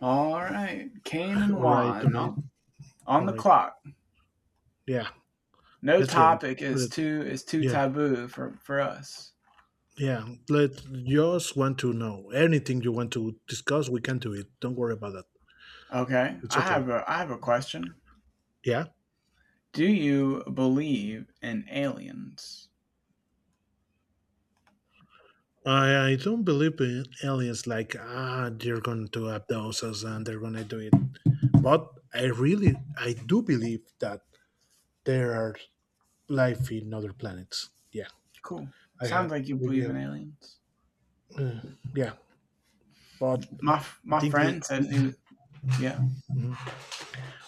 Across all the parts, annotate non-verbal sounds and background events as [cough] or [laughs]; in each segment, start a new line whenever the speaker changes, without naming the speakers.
All right, Kane and
All right, all
Juan
right,
on
all
the
right.
clock.
Yeah,
No
let's get it.
topic is
Shoot it.
too is too
Yeah,
taboo for us.
yeah. Let just want to know anything you want to discuss. We can do it. Don't worry about that.
Okay,
It's
I
okay.
have a I have a question.
Yeah.
Do you believe in aliens?
I don't believe in aliens like they're going to abduct us and they're going to do it. But I do believe that there are life in other planets. Yeah.
Cool.
I
Sounds
have
like you believe
yeah,
in aliens.
uh, yeah. But I
My
think that.
friend said he was. Yeah.
Mm-hmm.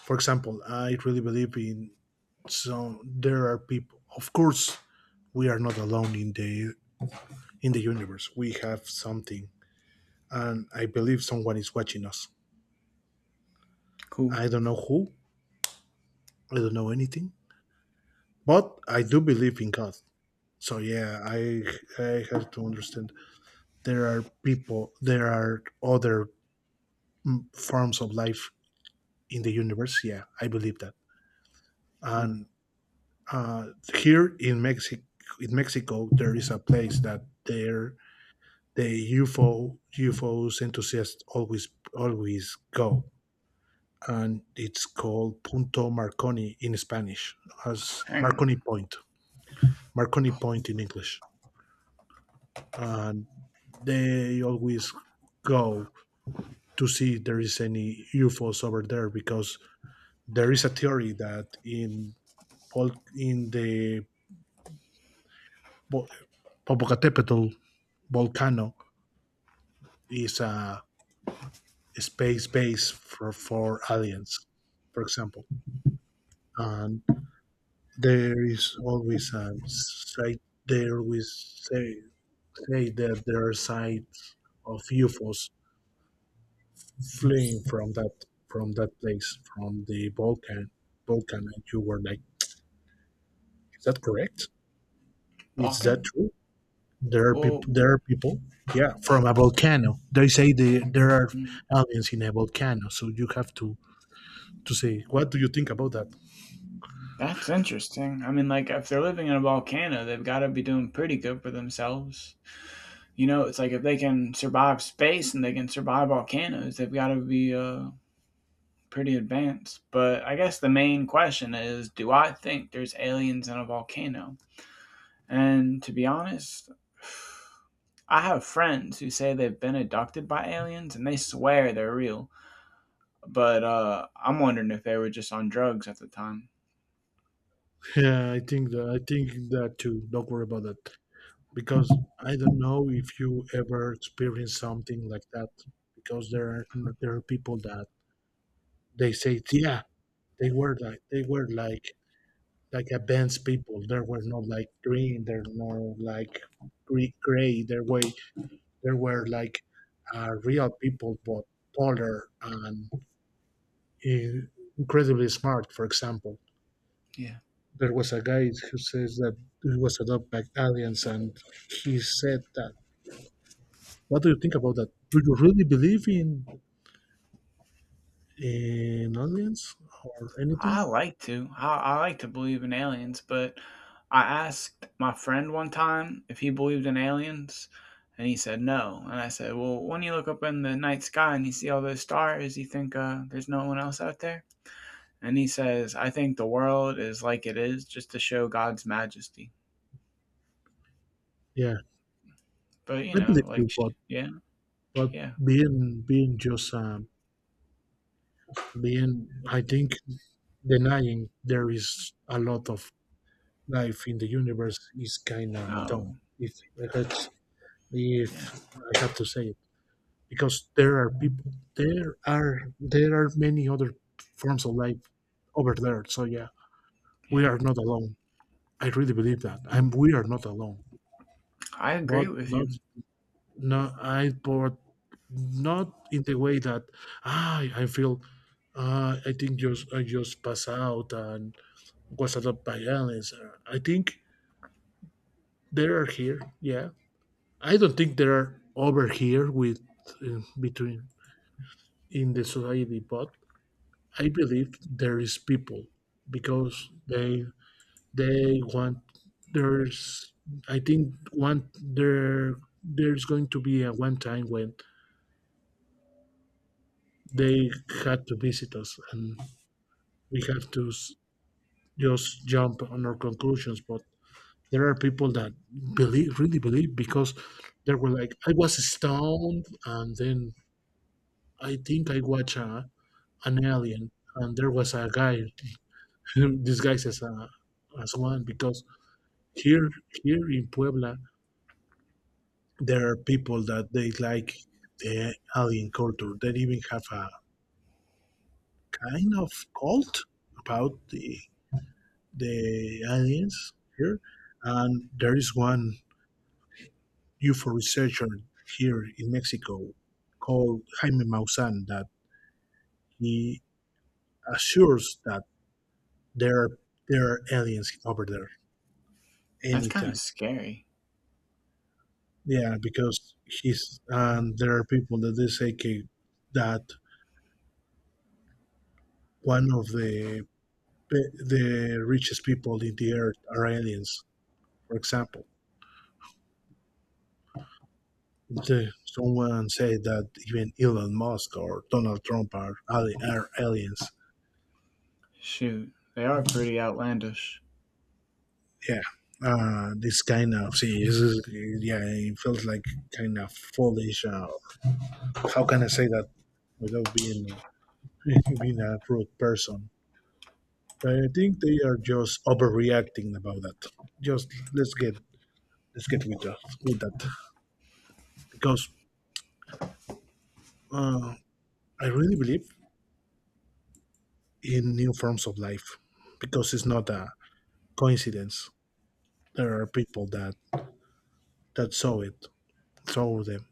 For example, I really believe in so there are people. Of course, we are not alone in the universe. We have something, and I believe someone is watching us.
Cool,
I don't know who. I don't know anything, but I do believe in God. So yeah, I have to understand there are people. There are other forms of life in the universe. Yeah, I believe that.
cool.
And uh, here in Mexico, there is a place that there the UFOs enthusiasts always go, and it's called Punto Marconi in Spanish, as
Hang
Marconi
on,
Point, Marconi Point in English, and they always go to see if there is any UFOs over there because there is a theory that in the Bo- Popocatépetl volcano is a space base for, aliens, for example, and there is always a site there we say that there are sites of UFOs fleeing from that place from the Balkan, and you were like, is that correct, is that
Balkan.
true? There are
Well,
people, there are people. Yeah, from a volcano they say there are
mm,
aliens in a volcano, so you have to say, what do you think about that?
that's interesting. I mean, like if they're living in a volcano, they've got to be doing pretty good for themselves. You know, it's like if they can survive space and they can survive volcanoes, they've got to be pretty advanced. But I guess the main question is, do I think there's aliens in a volcano? And to be honest, I have friends who say they've been abducted by aliens and they swear they're real. But I'm wondering if they were just on drugs at the time.
Yeah, I think that, too. Don't worry about that, because I don't know if you ever experienced something like that. Because there are people that they say, yeah, they were like, like advanced people. There were not like green. There no like gray. There were like real people, but taller and uh, incredibly smart. For example,
Yeah.
there was a guy who says that he was adopted by aliens, and he said that. What do you think about that? Do you really believe in aliens or anything?
I like to. I like to believe in aliens, but I asked my friend one time if he believed in aliens, and he said no. And I said, "Well, when you look up in the night sky and you see all those stars, you think there's no one else out there?" And he says, "I think the world is like it is, just to show God's majesty."
Yeah,
But you
I
know,
believe
like,
too,
yeah,
but
yeah,
being being just being, I think denying there is a lot of life in the universe is kind of
no,
dumb. If
yeah,
I have to say it, because there are people, there are many other forms of life over there. So yeah, we
yeah.
are not alone. I really believe that, and we are not alone.
I agree
But
with
not,
you.
no I but not in the way that I feel I think just I just pass out and was attacked by aliens. I think they are here. Yeah, I don't think they are over here with between in the society, but I believe there is people because they want there's I think one there there's going to be a one time when they had to visit us, and we have to just jump on our conclusions. But there are people that believe, really believe, because they were like, I was stoned and then I think I watched a, an alien, and there was a guy [laughs] disguised as a as one. Because here, here in Puebla, there are people that they like the alien culture. They even have a kind of cult about the aliens here, and there is one UFO researcher here in Mexico called Jaime Maussan that he assures that there are, aliens over there
That's kind of
anytime.
scary.
Yeah, because he's and there are people that they say, okay, that one of the richest people in the earth are aliens, for example. The, someone said that even Elon Musk or Donald Trump are, are aliens.
Shoot, they are pretty outlandish.
Yeah, this kind of see, this is, yeah, it felt like kind of foolish. How can I say that without being [laughs] being a rude person? But I think they are just overreacting about that. Just let's get let's get with that, because uh, I really believe in new forms of life, because it's not a coincidence. There are people that that saw it, saw them.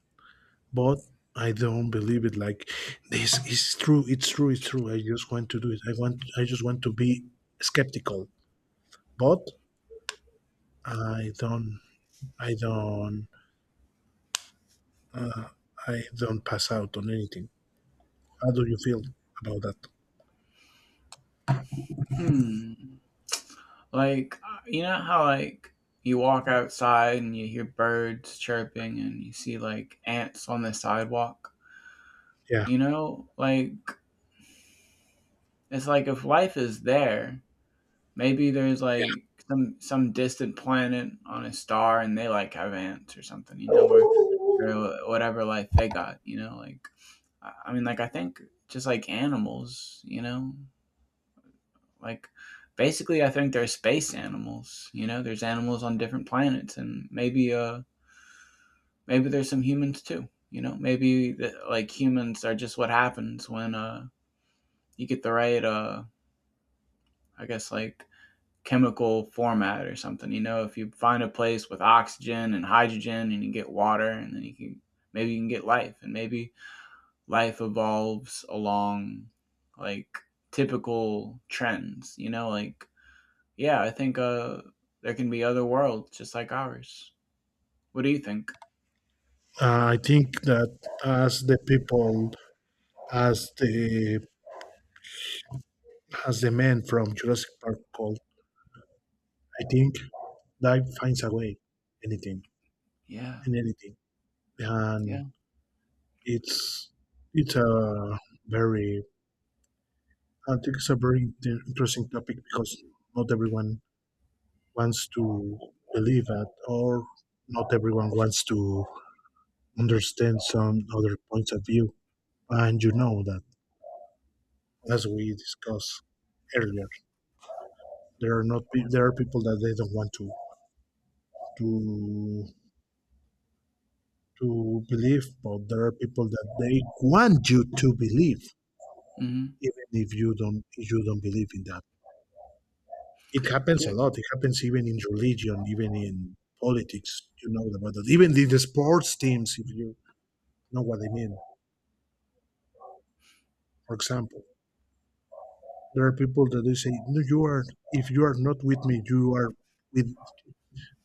But I don't believe it, like this is true. It's true. It's true. I just want to do it. I want. I just want to be skeptical. But I don't. I don't. Uh, I don't pass out on anything. How do you feel about that?
Hmm. Like, you know how, like, you walk outside and you hear birds chirping and you see, like, ants on the sidewalk?
Yeah.
You know? Like, it's like if life is there, maybe there's,
Yeah.
like, some distant planet on a star and they, like, have ants or something, you know, or whatever life they got, you know? Like, I mean, like, I think just like animals, you know? Like, basically, I think there's space animals. You know, there's animals on different planets, and maybe there's some humans too. You know, maybe the, like, humans are just what happens when you get the right I guess like chemical format or something. You know, if you find a place with oxygen and hydrogen, and you get water, and then you can maybe you can get life, and maybe life evolves along like typical trends. You know, like, yeah, I think there can be other worlds just like ours. What do you think?
I think that as the people, as the as the man from Jurassic Park called, I think life finds a way. Anything
Yeah,
and anything,
yeah.
and it's it's a very, I think it's a very interesting topic, because not everyone wants to believe that, or not everyone wants to understand some other points of view. And you know that, as we discussed earlier, there are not there are people that they don't want to to believe, but there are people that they want you to believe,
hmm
even if you don't believe in that. It happens a lot. It happens even in religion, even in politics. You know about that. Even in the sports teams, if you know what I mean. For example, there are people that they say, "No, you are. If you are not with me, you are with.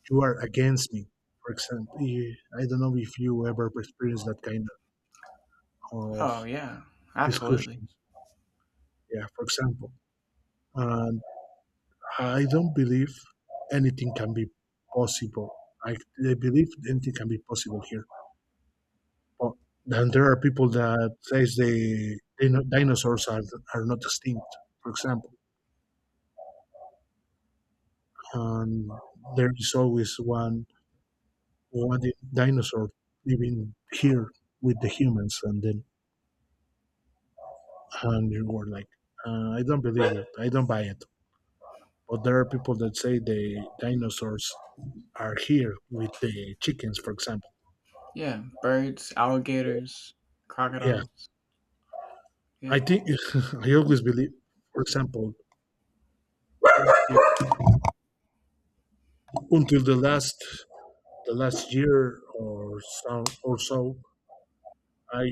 You are against me." For example, I don't know if you ever experienced that kind of
Oh, yeah, absolutely.
discussions. Yeah. For example, and I don't believe anything can be possible. I, I believe anything can be possible here. Well, then there are people that says they know dinosaurs are not extinct, for example, and there is always one dinosaur living here with the humans, and then and you were like, I don't believe it, I don't buy it. But there are people that say the dinosaurs are here with the chickens, for example.
Yeah, birds, alligators,
Yeah,
crocodiles.
I
Yeah,
think [laughs] I always believe, for example, if- until the last year or so, I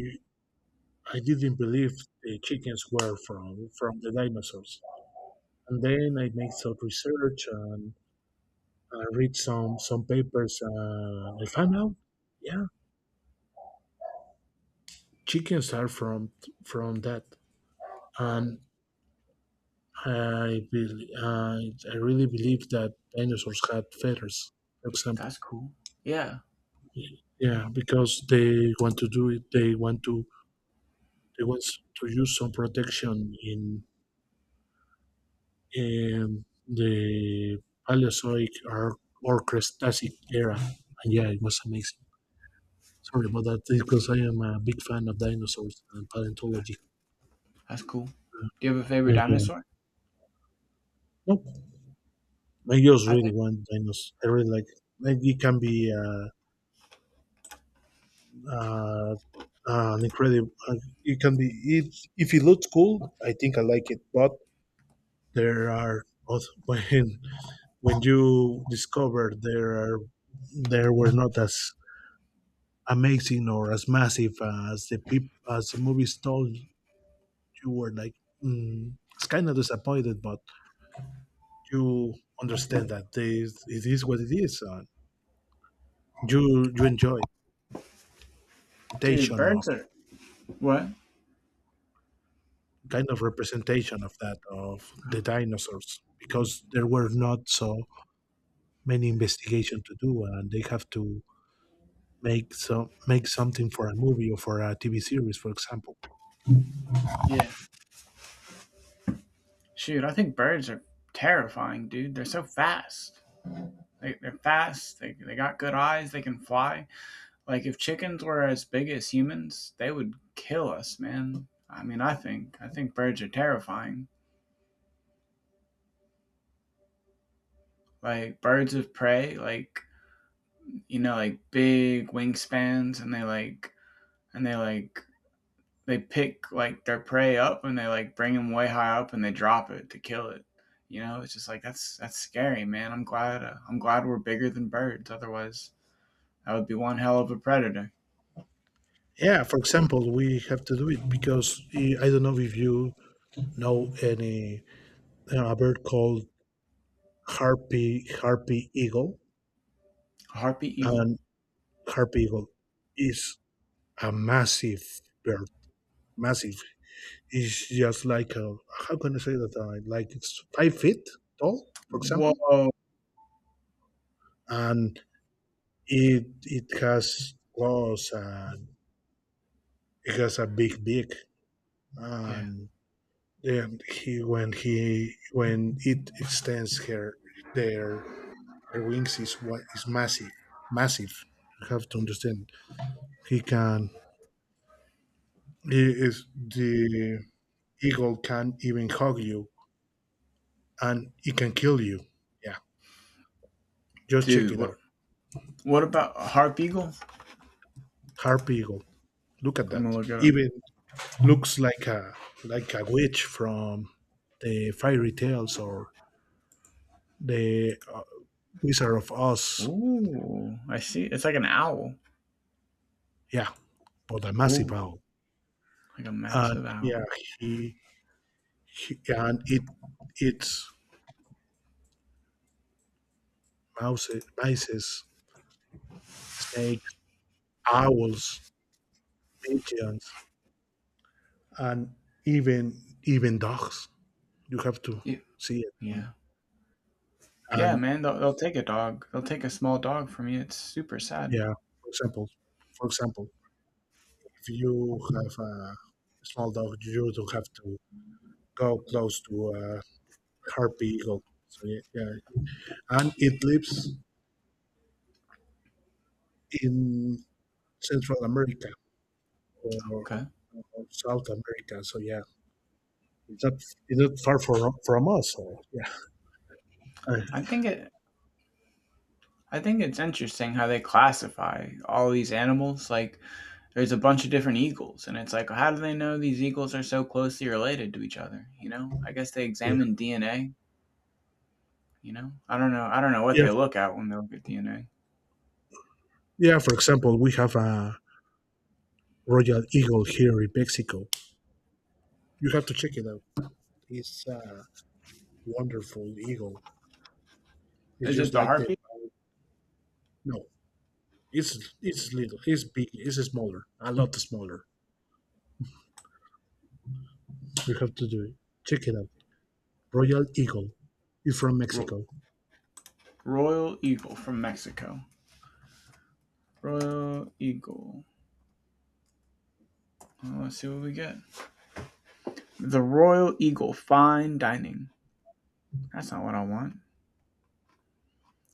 I didn't believe the chickens were from the dinosaurs. And then I made some research and I read some papers, and I found out, yeah, chickens are from that. And I bel I really believe that dinosaurs had feathers, for example.
that's cool. Yeah,
Yeah, because they want to do it. They want to use some protection in the Paleozoic or Cretacic era. And yeah, it was amazing. Sorry about that because I am a big fan of dinosaurs and paleontology.
that's cool. Do you have a favorite
Yeah.
dinosaur?
Nope. I just
I
really
think,
want dinos. I really like. Like it can be uh, an incredible. It can be it, if it looks cool, I think I like it. But there are [laughs] when you discover there are there were not as amazing or as massive as as the movies told, you were like, mm, it's kind of disappointed, but you understand that this it is what it is. Uh, you enjoy
dude,
presentation of
birds are what?
kind of representation of that of the dinosaurs, because there were not so many investigation to do, and they have to make something for a movie or for a tv series, for example.
Yeah, shoot, I think birds are terrifying, dude. They're so fast. They're fast. They got good eyes. They can fly. Like if chickens were as big as humans, they would kill us, man. I mean, I think birds are terrifying. Like birds of prey, like, you know, like big wingspans, and and they like they pick like their prey up and they like bring them way high up and they drop it to kill it. You know, it's just like that's scary, man. I'm glad we're bigger than birds. Otherwise, that would be one hell of a predator.
Yeah, for example, we have to do it because I don't know if you know any a bird called harpy eagle,
A harpy eagle.
and harpy eagle is a massive bird. Massive. It's just like a how can I say that? Like it's 5 feet tall, for example,
Whoa.
and it has claws and it has a big beak,
Yeah,
and then he when it extends her their their wings is what is massive. You have to understand, he can is the eagle can even hug you, and it can kill you. Yeah, just check
dude.
it
What
out.
what about a harp eagle?
Harpy eagle. Look at
I'm gonna
that.
look at it.
Even looks like a witch from the fairy tales or the Wizard of Oz.
Ooh, I see. It's like an owl.
Yeah, but a massive
Cool,
owl.
like a
And
massive
yeah,
owl.
he, he and it it's mouses, mices, snakes, owls, pigeons, and even even dogs. You have to
Yeah,
see it,
yeah, yeah,
and
man. They'll take a dog. They'll take a small dog from you. It's super sad.
yeah. For example, for example, if you have a small dog, you don't have to go close to a harpy eagle. So yeah, yeah, and it lives in Central America
Okay,
or South America. So yeah, it's not, far from us. So yeah, I-
I think it. I think it's interesting how they classify all these animals. Like, there's a bunch of different eagles, and it's like, how do they know these eagles are so closely related to each other? You know, I guess they
yeah,
examine DNA. You know, I don't know. I don't know what
yeah,
they look at when they look at DNA.
yeah. For example, we have a royal eagle here in Mexico. You have to check it out. It's a wonderful eagle. It's
Is it
just
the
like the
harpy?
no. It's little. It's big. It's smaller. A lot smaller. You have to do it. Check it out. Royal Eagle. It's from
Ro-
Mexico.
Royal eagle from Mexico. Royal Eagle. Let's see what we get. The Royal Eagle Fine Dining. That's not what I want.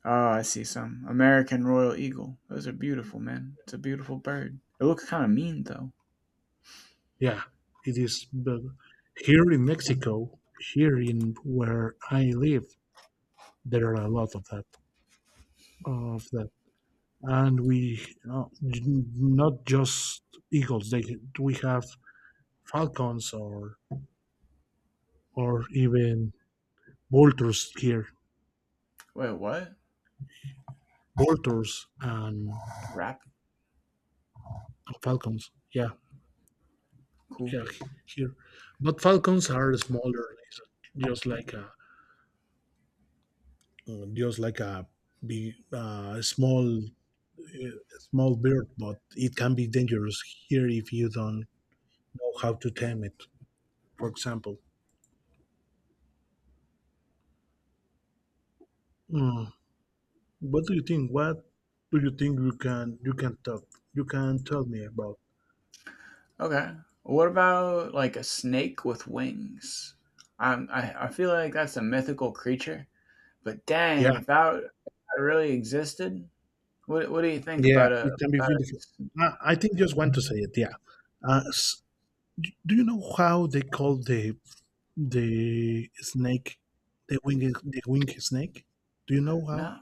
Oh, I see some. American Royal Eagle. Those are beautiful, man. It's a beautiful bird. It looks kind of mean, though.
Yeah, it is. But here in Mexico, here in where I live, there are a lot of that. Of that, and we not just eagles. They we have falcons or even vultures here.
Wait, what?
Vultures and
Rap?
falcons. Yeah,
Cool.
yeah, here. But falcons are smaller, just like a just like a big small uh, small bird, but it can be dangerous here if you don't know how to tame it. For example, mm, what do you think? What do you think you can talk you can tell me about?
Okay. What about like a snake with wings? I feel like that's a mythical creature, but dang,
Yeah,
if that really existed, what do you think
yeah,
about a,
it can be
about
beautiful.
a,
I think just want to say it. Yeah. Uh, s- do you know how they call the snake, the winged snake. Do you know how?
No,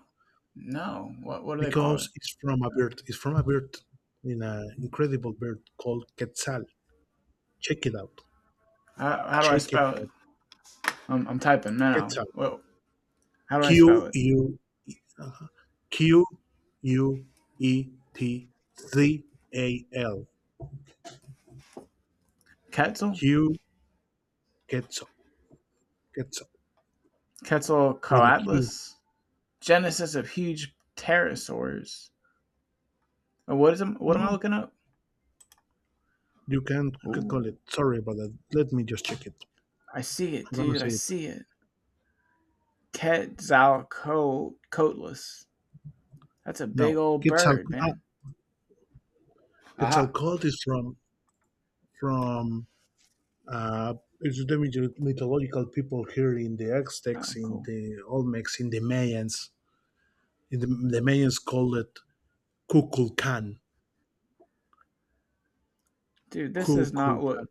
no, what do they call it?
Because it's from a bird. It's from a bird, in an incredible bird called quetzal. Check it out.
How do I
Check it
spell it?
out.
I'm typing now.
Quetzal.
Well, how do
Q
I spell it?
U uh, Quetzal.
Quetzal?
Q quetzal. Quetzal with a Q.
Quetzalcoatlus? Genesis of huge pterosaurs. Oh, what is it? What am I
No,
looking up?
you can call
Ooh,
it. Sorry about that. Let me just check it.
I see it,
I'm gonna
dude. I
say it.
see it. Quetzalcoatlus. That's a big
No,
old
quetzal.
bird,
Ah,
man. Aha.
Quetzalcoatl is from uh, the mythological people here in the Aztecs,
Oh,
in
cool.
the Olmecs, in the Mayans. The Mayans called it Kukulkan.
Dude, this does not look.
Kukulkan.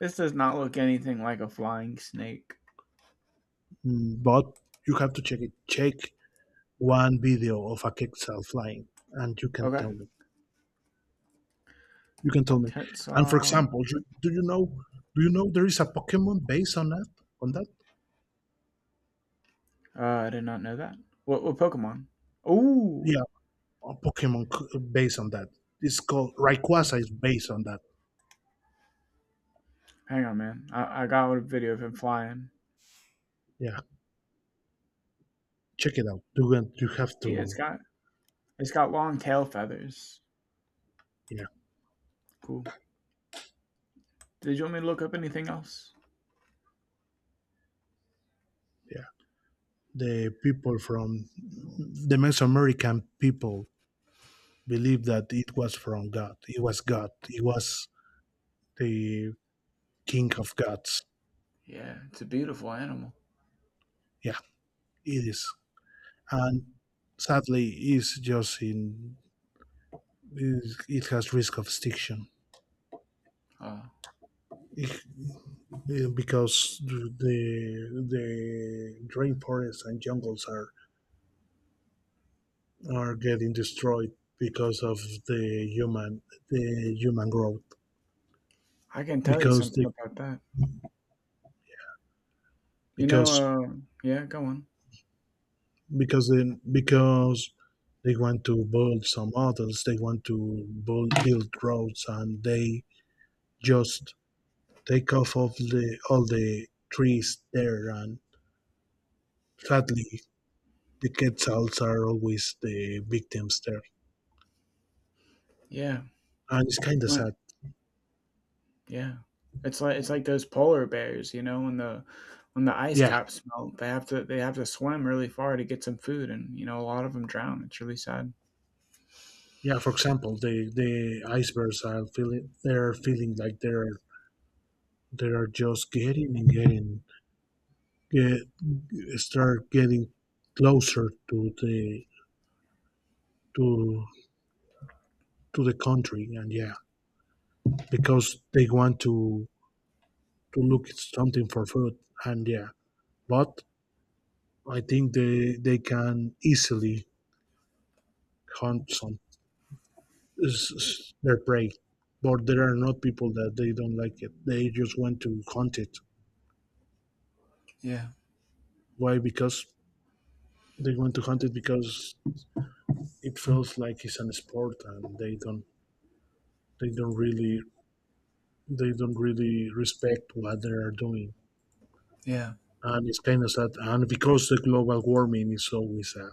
This does not look anything like a flying snake.
But you have to check it. Check one video of a quetzal flying, and you can
Okay.
tell me. You can tell me. And for
Quetzal.
example, do you know? Do you know there is a Pokemon based on that? On that?
I did not know that. What Pokemon? Ooh,
Yeah, a based on that. It's called Rayquaza is based on that.
hang on, man. I got a video of him flying.
Yeah, check it out. You got, you have
See, it's
to,
got it's got long tail feathers.
yeah,
Cool. Did you want me to look up anything else?
yeah. The people from the Mesoamerican people believed that it was from God. It was God. It was the King of Gods.
Yeah, it's a beautiful animal.
Yeah, it is. And sadly, it's just in. It, has risk of extinction
Oh,
because the rainforests and jungles are getting destroyed because of the human the human growth
I can tell you
because
something
they,
about that. You know,
because
yeah, go on.
because then because they want to build some models, they want to build roads and they just take off of the all the trees there, and sadly the quetzals are always the victims there,
Yeah,
and it's kind of
what?
sad.
Yeah, it's like those polar bears. You know, when the ice
Yeah,
caps melt, they have to swim really far to get some food, and you know, a lot of them drown. It's really sad.
yeah, for example, the icebergs are feeling, they're feeling like they're they are just getting and getting, get getting closer to the to to the country, and yeah, because they want to look at something for food, and yeah, but I think they can easily hunt some their prey, but there are not people, that they don't like it, they just want to hunt it.
Yeah,
Why? Because they want to hunt it because it feels like it's an sport, and they don't they don't really they don't really respect what they are doing.
yeah,
And it's kind of sad. And because the global warming is always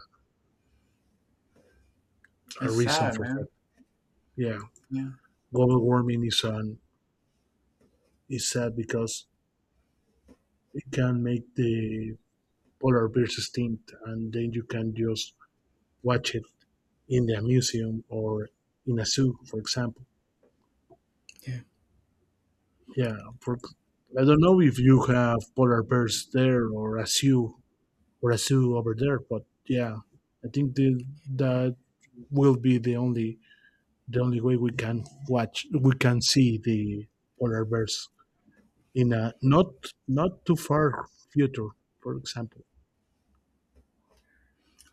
a
it's
reason
sad,
for
man.
that. Yeah,
Yeah,
global warming is an, is sad because it can make the polar bears extinct, and then you can just watch it in a museum or in a zoo, for example.
yeah.
Yeah, for I don't know if you have polar bears there or a zoo over there, but yeah, I think the, that will be the only way we can watch, we can see the polar bears in a not not too far future, for example.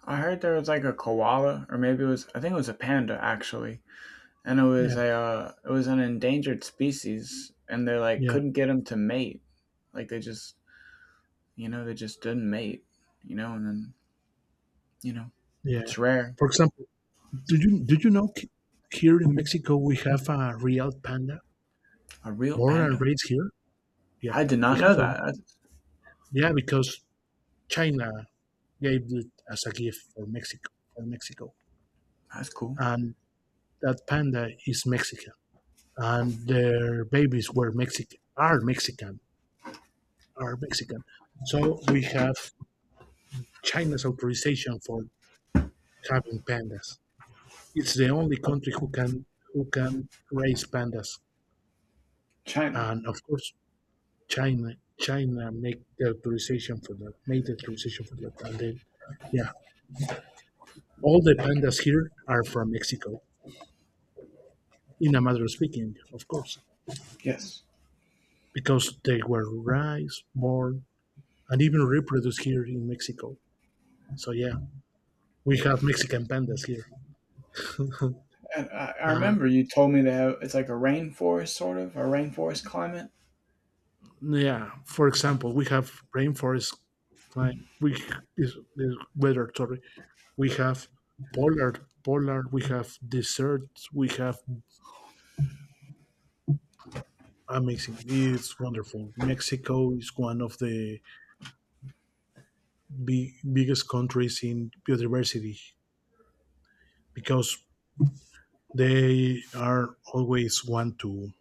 I heard there was like a koala, or maybe it was I think it was a panda actually, and it was
Yeah,
a uh, it was an endangered species, and they like
yeah,
couldn't get them to mate, like they just didn't mate, you know, and then you know
yeah,
it's rare.
for example, do you know, here in Mexico we have a real panda,
A real
born and
panda.
raised here. Yeah,
I did
we
not know
have a
that.
re-
That's,
yeah, because China gave it as a gift for Mexico,
that's cool.
and that panda is Mexican, and their babies were mexican are mexican are Mexican. So we have China's authorization for having pandas. It's the only country who can raise pandas,
China,
and of course, China China make the authorization for that, made the authorization for that, and then yeah, all the pandas here are from Mexico, in a matter of speaking, of course,
yes.
because they were raised, born, and even reproduced here in Mexico. So yeah, we have Mexican pandas here. [laughs]
And I
Uh,
remember you told me to have, it's like a rainforest, sort of a rainforest climate.
Yeah, for example, we have rainforest climate. We is weather. Sorry, we have polar, polar. We have deserts. We have amazing. It's wonderful. Mexico is one of the biggest countries in biodiversity because they are always want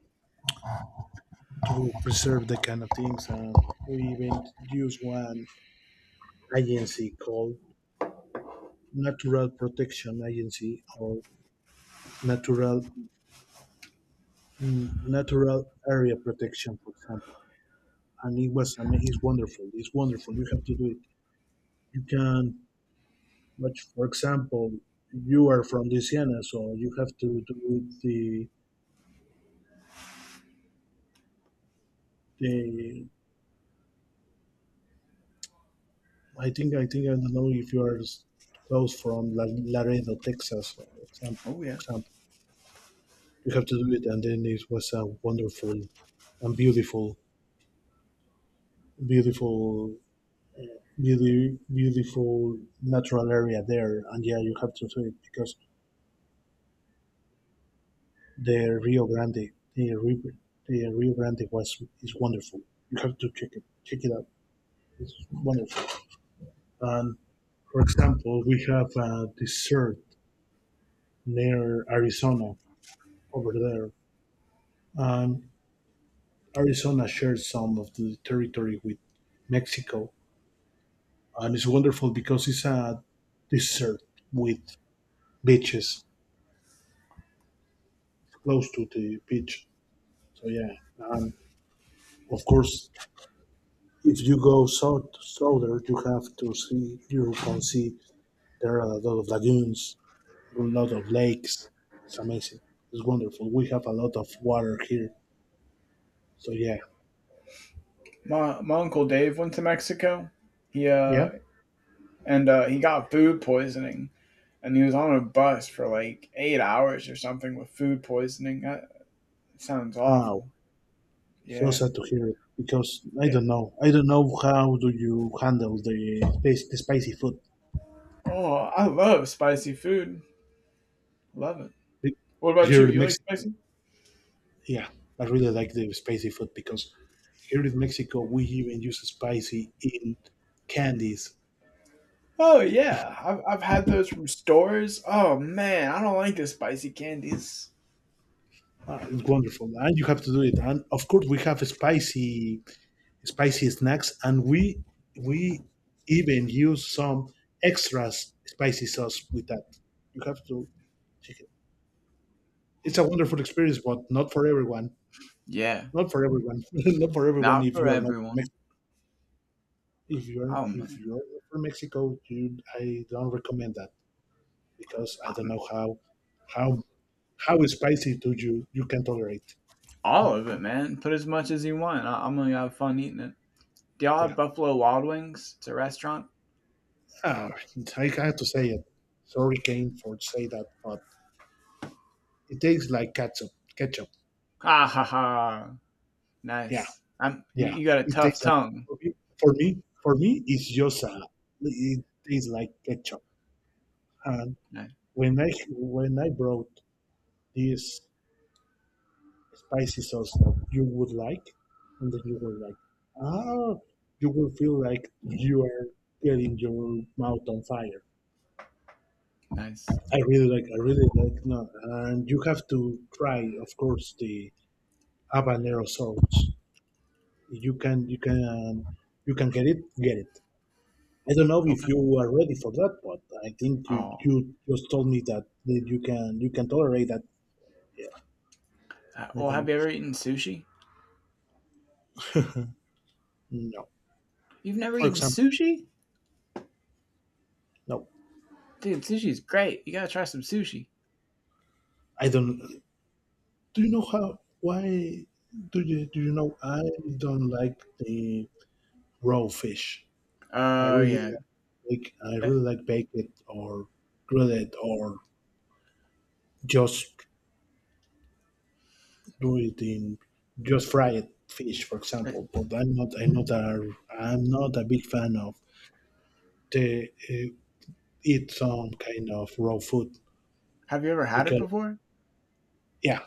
to preserve the kind of things. And we even use one agency called Natural Protection Agency or Natural mm, natural area protection, for example. And it was, I mean, it's wonderful. It's wonderful. You have to do it. You can, much, for example, you are from Louisiana, so you have to do the, the, I think, I don't know if you are close from Laredo, Texas, for example,
Oh yeah.
You have to do it. And then it was a wonderful and beautiful, beautiful natural area there. And yeah, you have to do it because the Rio Grande, the river, the Rio Grande was is wonderful. You have to check it out. It's wonderful. And for example, we have a desert near Arizona over there, and Arizona shares some of the territory with Mexico, and it's wonderful because it's a desert with beaches close to the beach. So yeah, and of course, if you go south, southern, you have to see you can see there are a lot of lagoons, a lot of lakes. It's amazing. It's wonderful. We have a lot of water here. So yeah,
My uncle Dave went to Mexico. He
yeah.
uh he got food poisoning and he was on a bus for like 8 hours or something with food poisoning. That sounds
Oh,
awful.
so
Yeah.
sad to hear it because I
Yeah.
don't know. I don't know how do you handle the the spicy food.
Oh, I love spicy food. Love it.
Be-
What about you?
Here in
You like
Mexico,
spicy?
yeah, I really like the spicy food because here in Mexico we even use spicy in candies.
Oh yeah, I've had those from stores. Oh man, I don't like the spicy candies.
Ah, it's wonderful, and you have to do it. And of course, we have spicy snacks, and we even use some extra spicy sauce with that. You have to check it. It's a wonderful experience, but not for everyone.
Yeah,
Not for everyone. [laughs] not for everyone.
not
If
for
you are not from
everyone. Oh
if
man,
you're not from Mexico, you I don't recommend that because I don't
Um
know how how spicy do you you can tolerate.
all of it, man. Put as much as you want. I'm gonna have fun eating it. Do y'all
Yeah,
have Buffalo Wild Wings? It's a restaurant.
ah, I have to say it. Sorry, Kane, for say that, but it tastes like ketchup. Ketchup.
Ha ha ha.
Yeah,
Nice. I'm you,
yeah,
you got a
it
tough
tastes like
tongue.
for me. For me, it's just a. It tastes like ketchup. And
Nice.
when I brought this spicy sauce that you would like, and then you were like, ah, you will feel like you are getting your mouth on fire.
Nice.
I really like. I really like. No, and you have to try, of course, the habanero sauce. You can. You can. You can get it. Get it. I don't know if
Okay.
you are ready for that, but I think
Oh.
you just told me that, that you can tolerate that. Yeah, I
Well, have
think
you ever eaten sushi?
[laughs] no.
You've never
For
eaten
example,
sushi?
no.
Dude, sushi's great. You gotta try some sushi.
I don't. Do you know how? Why do you know? I don't like the raw fish. I
Oh,
really
yeah.
I
Eh,
really like baked it, or grilled it, or just do it in just fry it fish, for
eh,
example. But I'm not a big fan of the eat some kind of raw food
Have you ever had it
because
before?
yeah,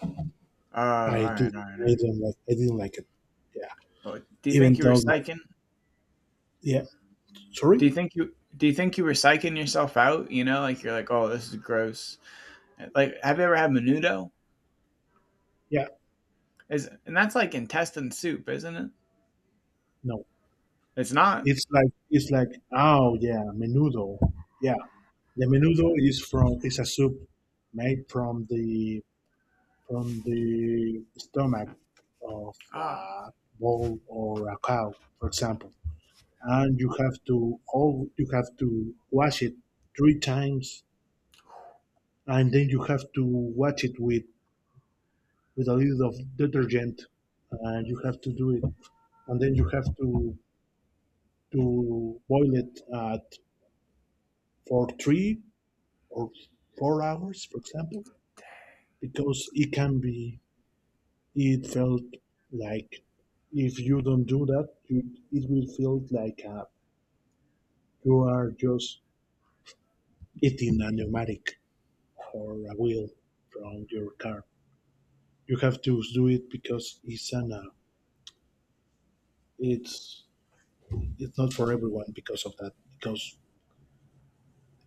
Oh, all
I
right, all
didn't
right, all right.
I didn't like it. Yeah.
Well, do you think
Even
you were
though like
psyching?
yeah,
Do
sorry?
you think you do you think you were psyching yourself out? You know, like you're like, oh, this is gross. Like, have you ever had menudo?
Yeah,
Is and that's like intestine soup, isn't it?
no.
It's not.
It's like oh yeah, menudo. Yeah. The menudo is from is a soup made from the stomach of
Ah,
a bull or a cow, for example. And you have to all you have to wash it 3 times, and then you have to wash it with a little of detergent, and you have to do it, and then you have to boil it at for 3 or 4 hours, for example, because it can be it felt like if you don't do that, you, it will feel like you are just eating a pneumatic or a wheel from your car. You have to do it because it's an, it's it's not for everyone because of that because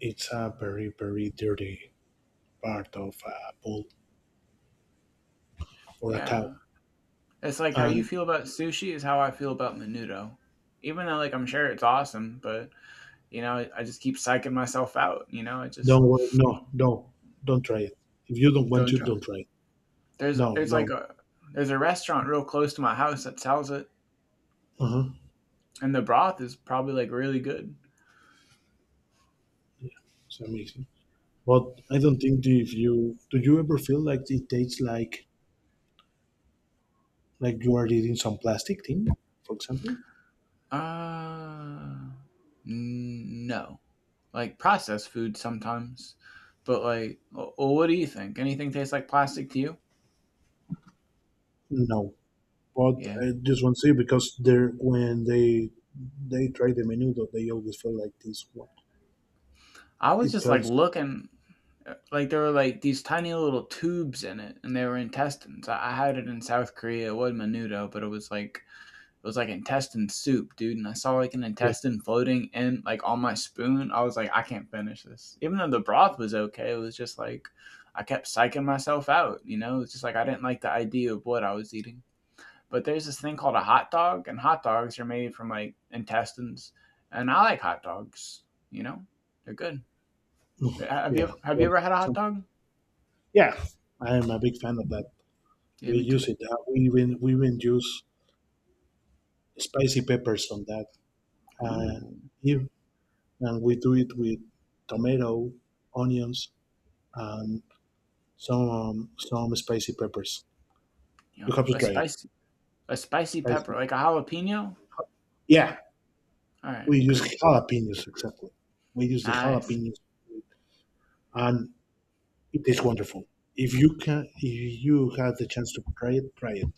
it's a very, very dirty part of a bull or a
yeah.
cow.
It's like how you
And
feel about sushi is how I feel about menudo. Even though like I'm sure it's awesome, but you know, I just keep psyching myself out, you know, I just
don't worry, no, no, don't try it. If you don't want
don't
to,
try.
don't try it.
There's
No,
there's like
no.
a there's a restaurant real close to my house that sells it,
Uh-huh.
and the broth is probably like really good.
Yeah, it's amazing. But I don't think that if you do you ever feel like it tastes like you are eating some plastic thing, for example?
Uh no. Like processed food sometimes. But like, well, what do you think? Anything tastes like plastic to you?
No. But
Yeah.
I just want to say because they're when they try the menu though they always feel like this one.
I was
It
just like
feels
looking, like there were like these tiny little tubes in it and they were intestines. I had it in South Korea. It wasn't menudo, but it was like intestine soup, dude. And I saw like an
yeah,
intestine floating in, like, on my spoon. I was like, I can't finish this, even though the broth was okay. It was just like I kept psyching myself out, you know. It's just like I didn't like the idea of what I was eating. But there's this thing called a hot dog, and hot dogs are made from like intestines. And I like hot dogs, you know, they're good. have you
yeah.
ever have you
Well,
ever had a hot
some
dog?
yeah, I am a big fan of that.
Yeah,
We
me
use
too.
it. We even use spicy peppers on that. Uh,
Ooh,
if, and we do it with tomato, onions, and some spicy peppers. You have
yum.
to
A
try it.
spicy a spicy pepper,
Spicy.
like a jalapeno?
Yeah, we
Alright,
use
good.
jalapenos exactly. We use the
Nice.
jalapenos, and it is wonderful. If you have the chance to try it, try it.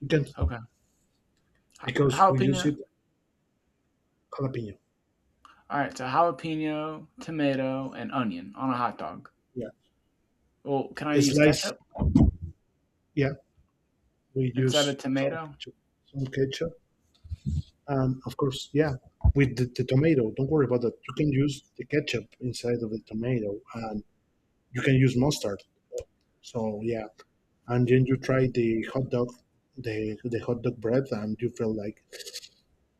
You can
Okay. Ja
because we
Jalapeno.
use it jalapeno.
Alright, so jalapeno, tomato, and onion on a hot dog.
Yeah,
Well, can I use
slice.
ketchup
Yeah, we
instead of
use some
tomato?
ketchup, some ketchup, and of course, yeah, with the tomato. Don't worry about that. You can use the ketchup inside of the tomato, and you can use mustard. So yeah, and then you try the hot dog, the hot dog bread, and you feel like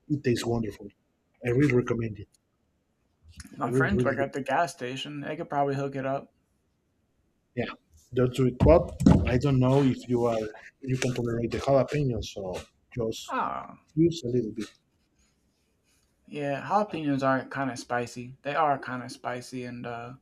it tastes wonderful. I really recommend it. I
My
really, really,
friends work
recommend it.
at the gas station, they could probably hook it up.
Yeah. Don't do it, but I don't know if you can tolerate the jalapeno, so just
Oh,
use a little bit.
yeah, jalapenos are kinda spicy. They are kinda spicy and, uh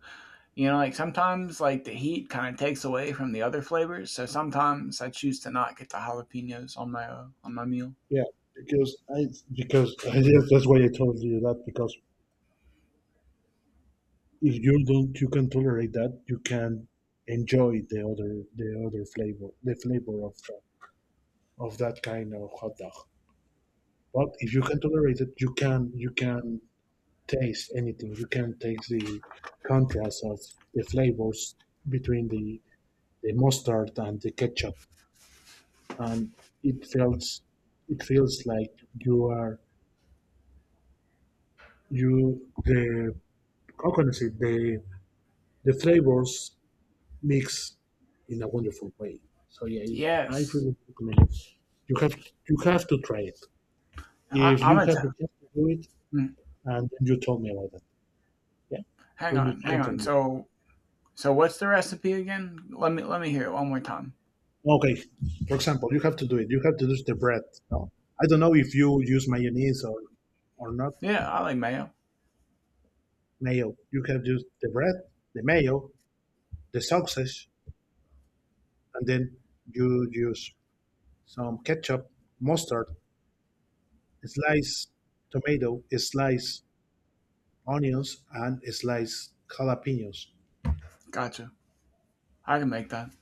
You know, like sometimes like the heat kind of takes away from the other flavors, so sometimes I choose to not get the jalapenos on my meal.
Yeah, because I because I guess that's why I told you that because if you don't you can tolerate that you can enjoy the other flavor, the flavor of that kind of hot dog. But if you can tolerate it, you can taste anything. You can taste the contrast of the flavors between the mustard and the ketchup, and it feels it feels like you are you the how can I say, the flavors mix in a wonderful way. So yeah, I
Yes,
really recommend it. You have you have to try it
I,
if
I'm
you
gonna.
have the chance to do
T-
it,
mm,
and then you tell me about that. Yeah,
Hang
then you
on, hang
can tell
on.
me.
So what's the recipe again? Let me hear it one more time.
Okay, for example, you have to do it. You have to use the bread. No, I don't know if you use mayonnaise or not.
Yeah, I like mayo.
Mayo. You have used the bread, the mayo, the sausage, and then you use some ketchup, mustard, a slice tomato, a slice onions, and sliced jalapenos.
Gotcha. I can make that.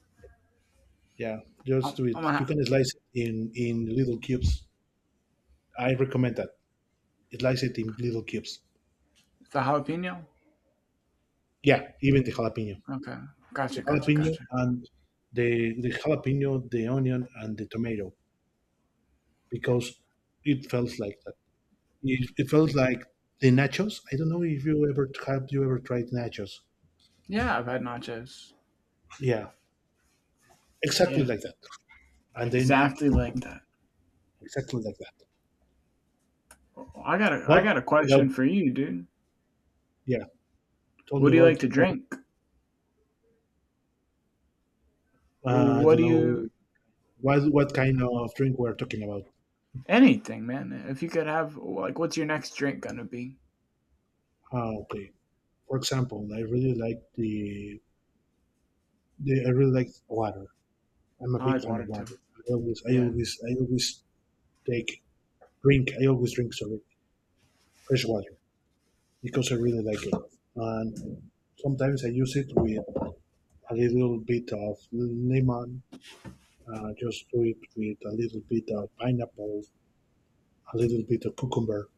Yeah, just
I'm,
do
I'm
it.
gonna
You
ha-
can slice it in little cubes. I recommend that. Slice it in little cubes.
the jalapeno.
Yeah, even the jalapeno,
Okay.
the
Gotcha. Gotcha.
jalapeno,
Gotcha.
and the jalapeno, the onion, and the tomato because it felt like that. It felt like the nachos. I don't know if you ever have you ever tried nachos?
Yeah, I've had nachos.
Yeah, exactly
Yeah,
like that. And then
exactly like that.
exactly like that.
I got a I
But
got a
without,
question for you, dude.
yeah, told
What
me
do you like
about
to
it, bro.
drink?
I
What
don't
do you
know. What kind of drink we're talking about?
Anything, man. If you could have, like, what's your next drink gonna be?
Ah, okay. For example, I really like the I really like water. I'm a
I
big
like
fan
water
of
too.
water.
Yeah,
I always take drink. I always drink, sorry, fresh water because I really like it. And sometimes I use it with a little bit of lemon. Just do it with a little bit of pineapple, a little bit of cucumber.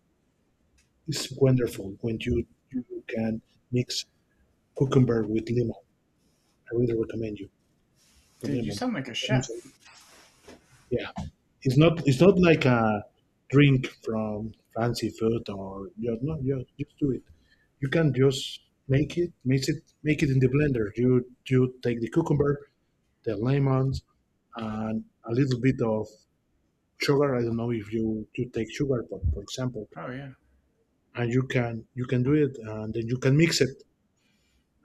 It's wonderful when you can mix cucumber with lemon. I really recommend you. To
dude, you
lemon.
sound like a
Lemon soda.
chef.
Yeah, it's not like a drink from fancy food, or you, no, you just do it. You can just make it, mix it, make it in the blender. You take the cucumber, the lemons, and a little bit of sugar. I don't know if you take sugar, but for example,
Oh yeah.
and you can do it, and then you can mix it,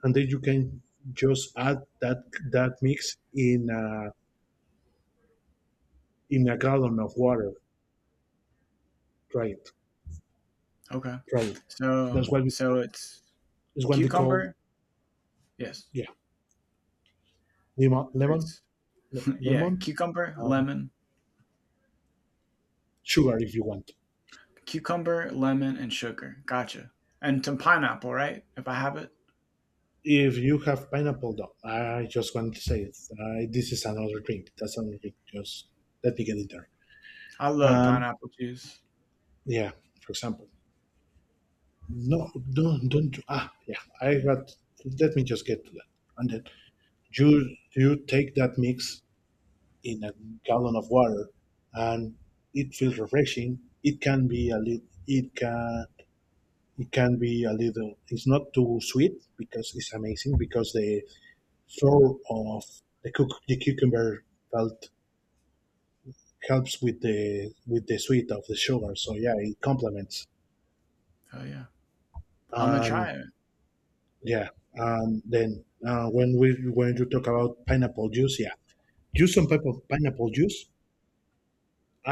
and then you can just add that mix in a gallon of water. Try it,
Okay.
try it. That's
So,
what we
so
call,
it's
is what they call,
cucumber. Yes.
yeah, lemon,
It's [laughs] yeah,
lemon, um, sugar if you want.
cucumber, lemon, and sugar. Gotcha. And some pineapple, right? If I have it,
If you have pineapple though, I just want to say it. I, this is another drink. That's another drink. Just let me get it there.
I love
And
pineapple juice.
yeah, for example, no, don't ah yeah. I got. Let me just get to that. And then you take that mix in a gallon of water, and it feels refreshing. It can be a little. It can, it can be a little, it's not too sweet because it's amazing because the flavor of the cook the cucumber felt helps with the sweet of the sugar, so yeah, it complements.
Oh yeah. I'm gonna try
And
it.
yeah, and then when we when you talk about pineapple juice, yeah, use some type of pineapple juice,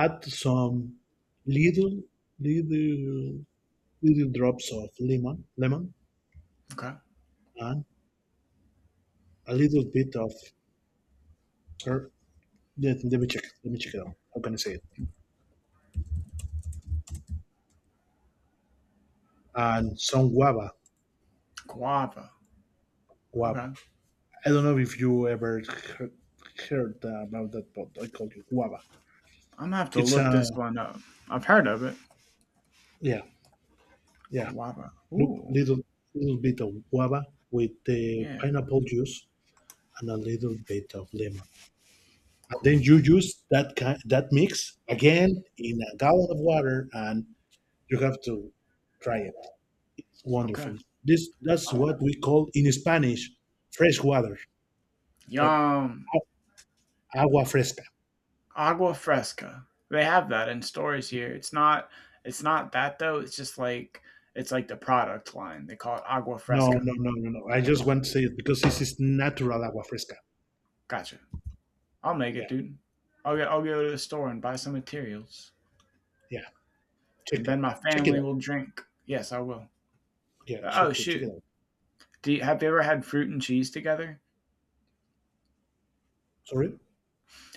add some little little little drops of lemon, lemon,
Okay.
and a little bit of per- let, me check. Let me check it out. How can I say it? And some guava,
Guava. Okay.
guava.
I'm
I don't know if you ever heard, heard about that, but I call it guava.
gonna have to
It's
look
a,
this one up. I've heard of it.
yeah, yeah.
Guava.
Look,
Ooh.
little bit of guava with the
Yeah.
pineapple juice and a little bit of lemon. And
Cool.
then you use that mix again in a gallon of water, and you have to try it.
Okay.
Wonderful. This that's what we call in Spanish fresh water. Oh.
Yum.
Agua fresca.
Agua fresca. They have that in stores here. It's not that though. It's just like the product line. They call it agua
No,
fresca.
no, no, no, no. I just want to say it because this is natural agua fresca.
Gotcha. I'll make it,
Yeah,
dude. I'll go to the store and buy some materials,
yeah.
and
Check
then
it.
my
Check it
family
out.
will drink. Yes, I will.
Yeah,
Oh
check it. Check it
shoot.
out.
Have you ever had fruit and cheese together?
Sorry.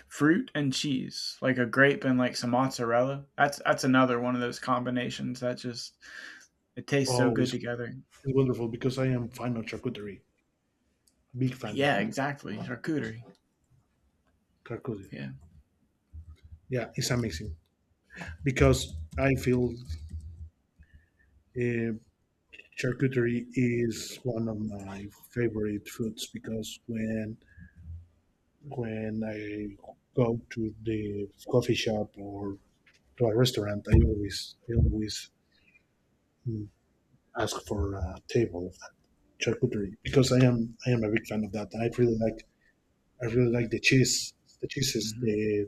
Fruit and cheese, like a grape and like some mozzarella. That's another one of those combinations that just, it tastes so
Oh,
good together.
it's wonderful because I am fan of charcuterie. Big fan of
Yeah,
that
exactly. Charcuterie.
charcuterie.
Yeah.
Yeah, it's amazing because I feel, uh, charcuterie is one of my favorite foods because when I go to the coffee shop or to a restaurant, I always, mm, ask for a table of that charcuterie because I am a big fan of that. I really like the cheese, the cheeses,
hmm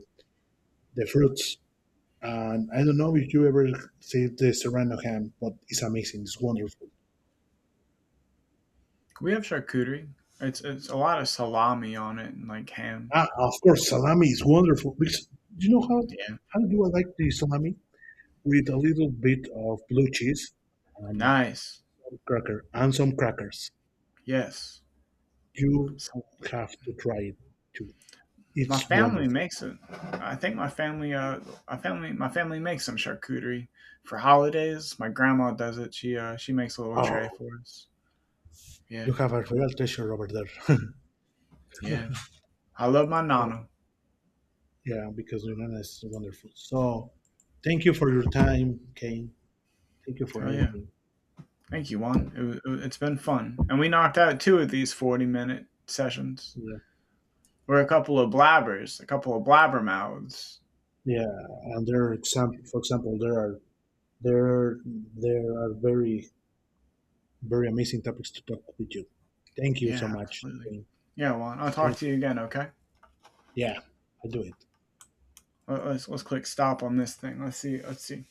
the fruits, and I don't know if you ever see the serrano ham, but it's amazing. It's wonderful.
We have charcuterie. It's a lot
Yeah.
of salami on it and like ham.
Ah, of course, salami is wonderful because you know
Yeah.
how do I like the salami with a little bit of blue cheese and
Nice.
some crackers.
Yes.
You
So
have to try it too.
my
It's
family
wonderful.
makes it. I think my family makes some charcuterie for holidays. My grandma does it. She makes a little tray
Oh.
for us.
You
Yeah.
have a real treasure over there. [laughs]
Yeah. I love my
Yeah,
nana.
yeah, because Yunnan is wonderful. So thank you for your time, Kane. Thank you for
Oh yeah.
anything.
Thank you, Juan. It's been fun. And we knocked out two of these 40-minute sessions.
Yeah,
We're
yeah,
a couple of blabbers, a couple of blabber mouths.
yeah. And for example, there there are very amazing topics to talk with you. Thank you so
Yeah,
much.
absolutely.
Kane.
Yeah, Juan. I'll talk
Thank
to you
you.
again. Okay.
Yeah, I do it.
Let's click stop on this thing. Let's see. Let's see.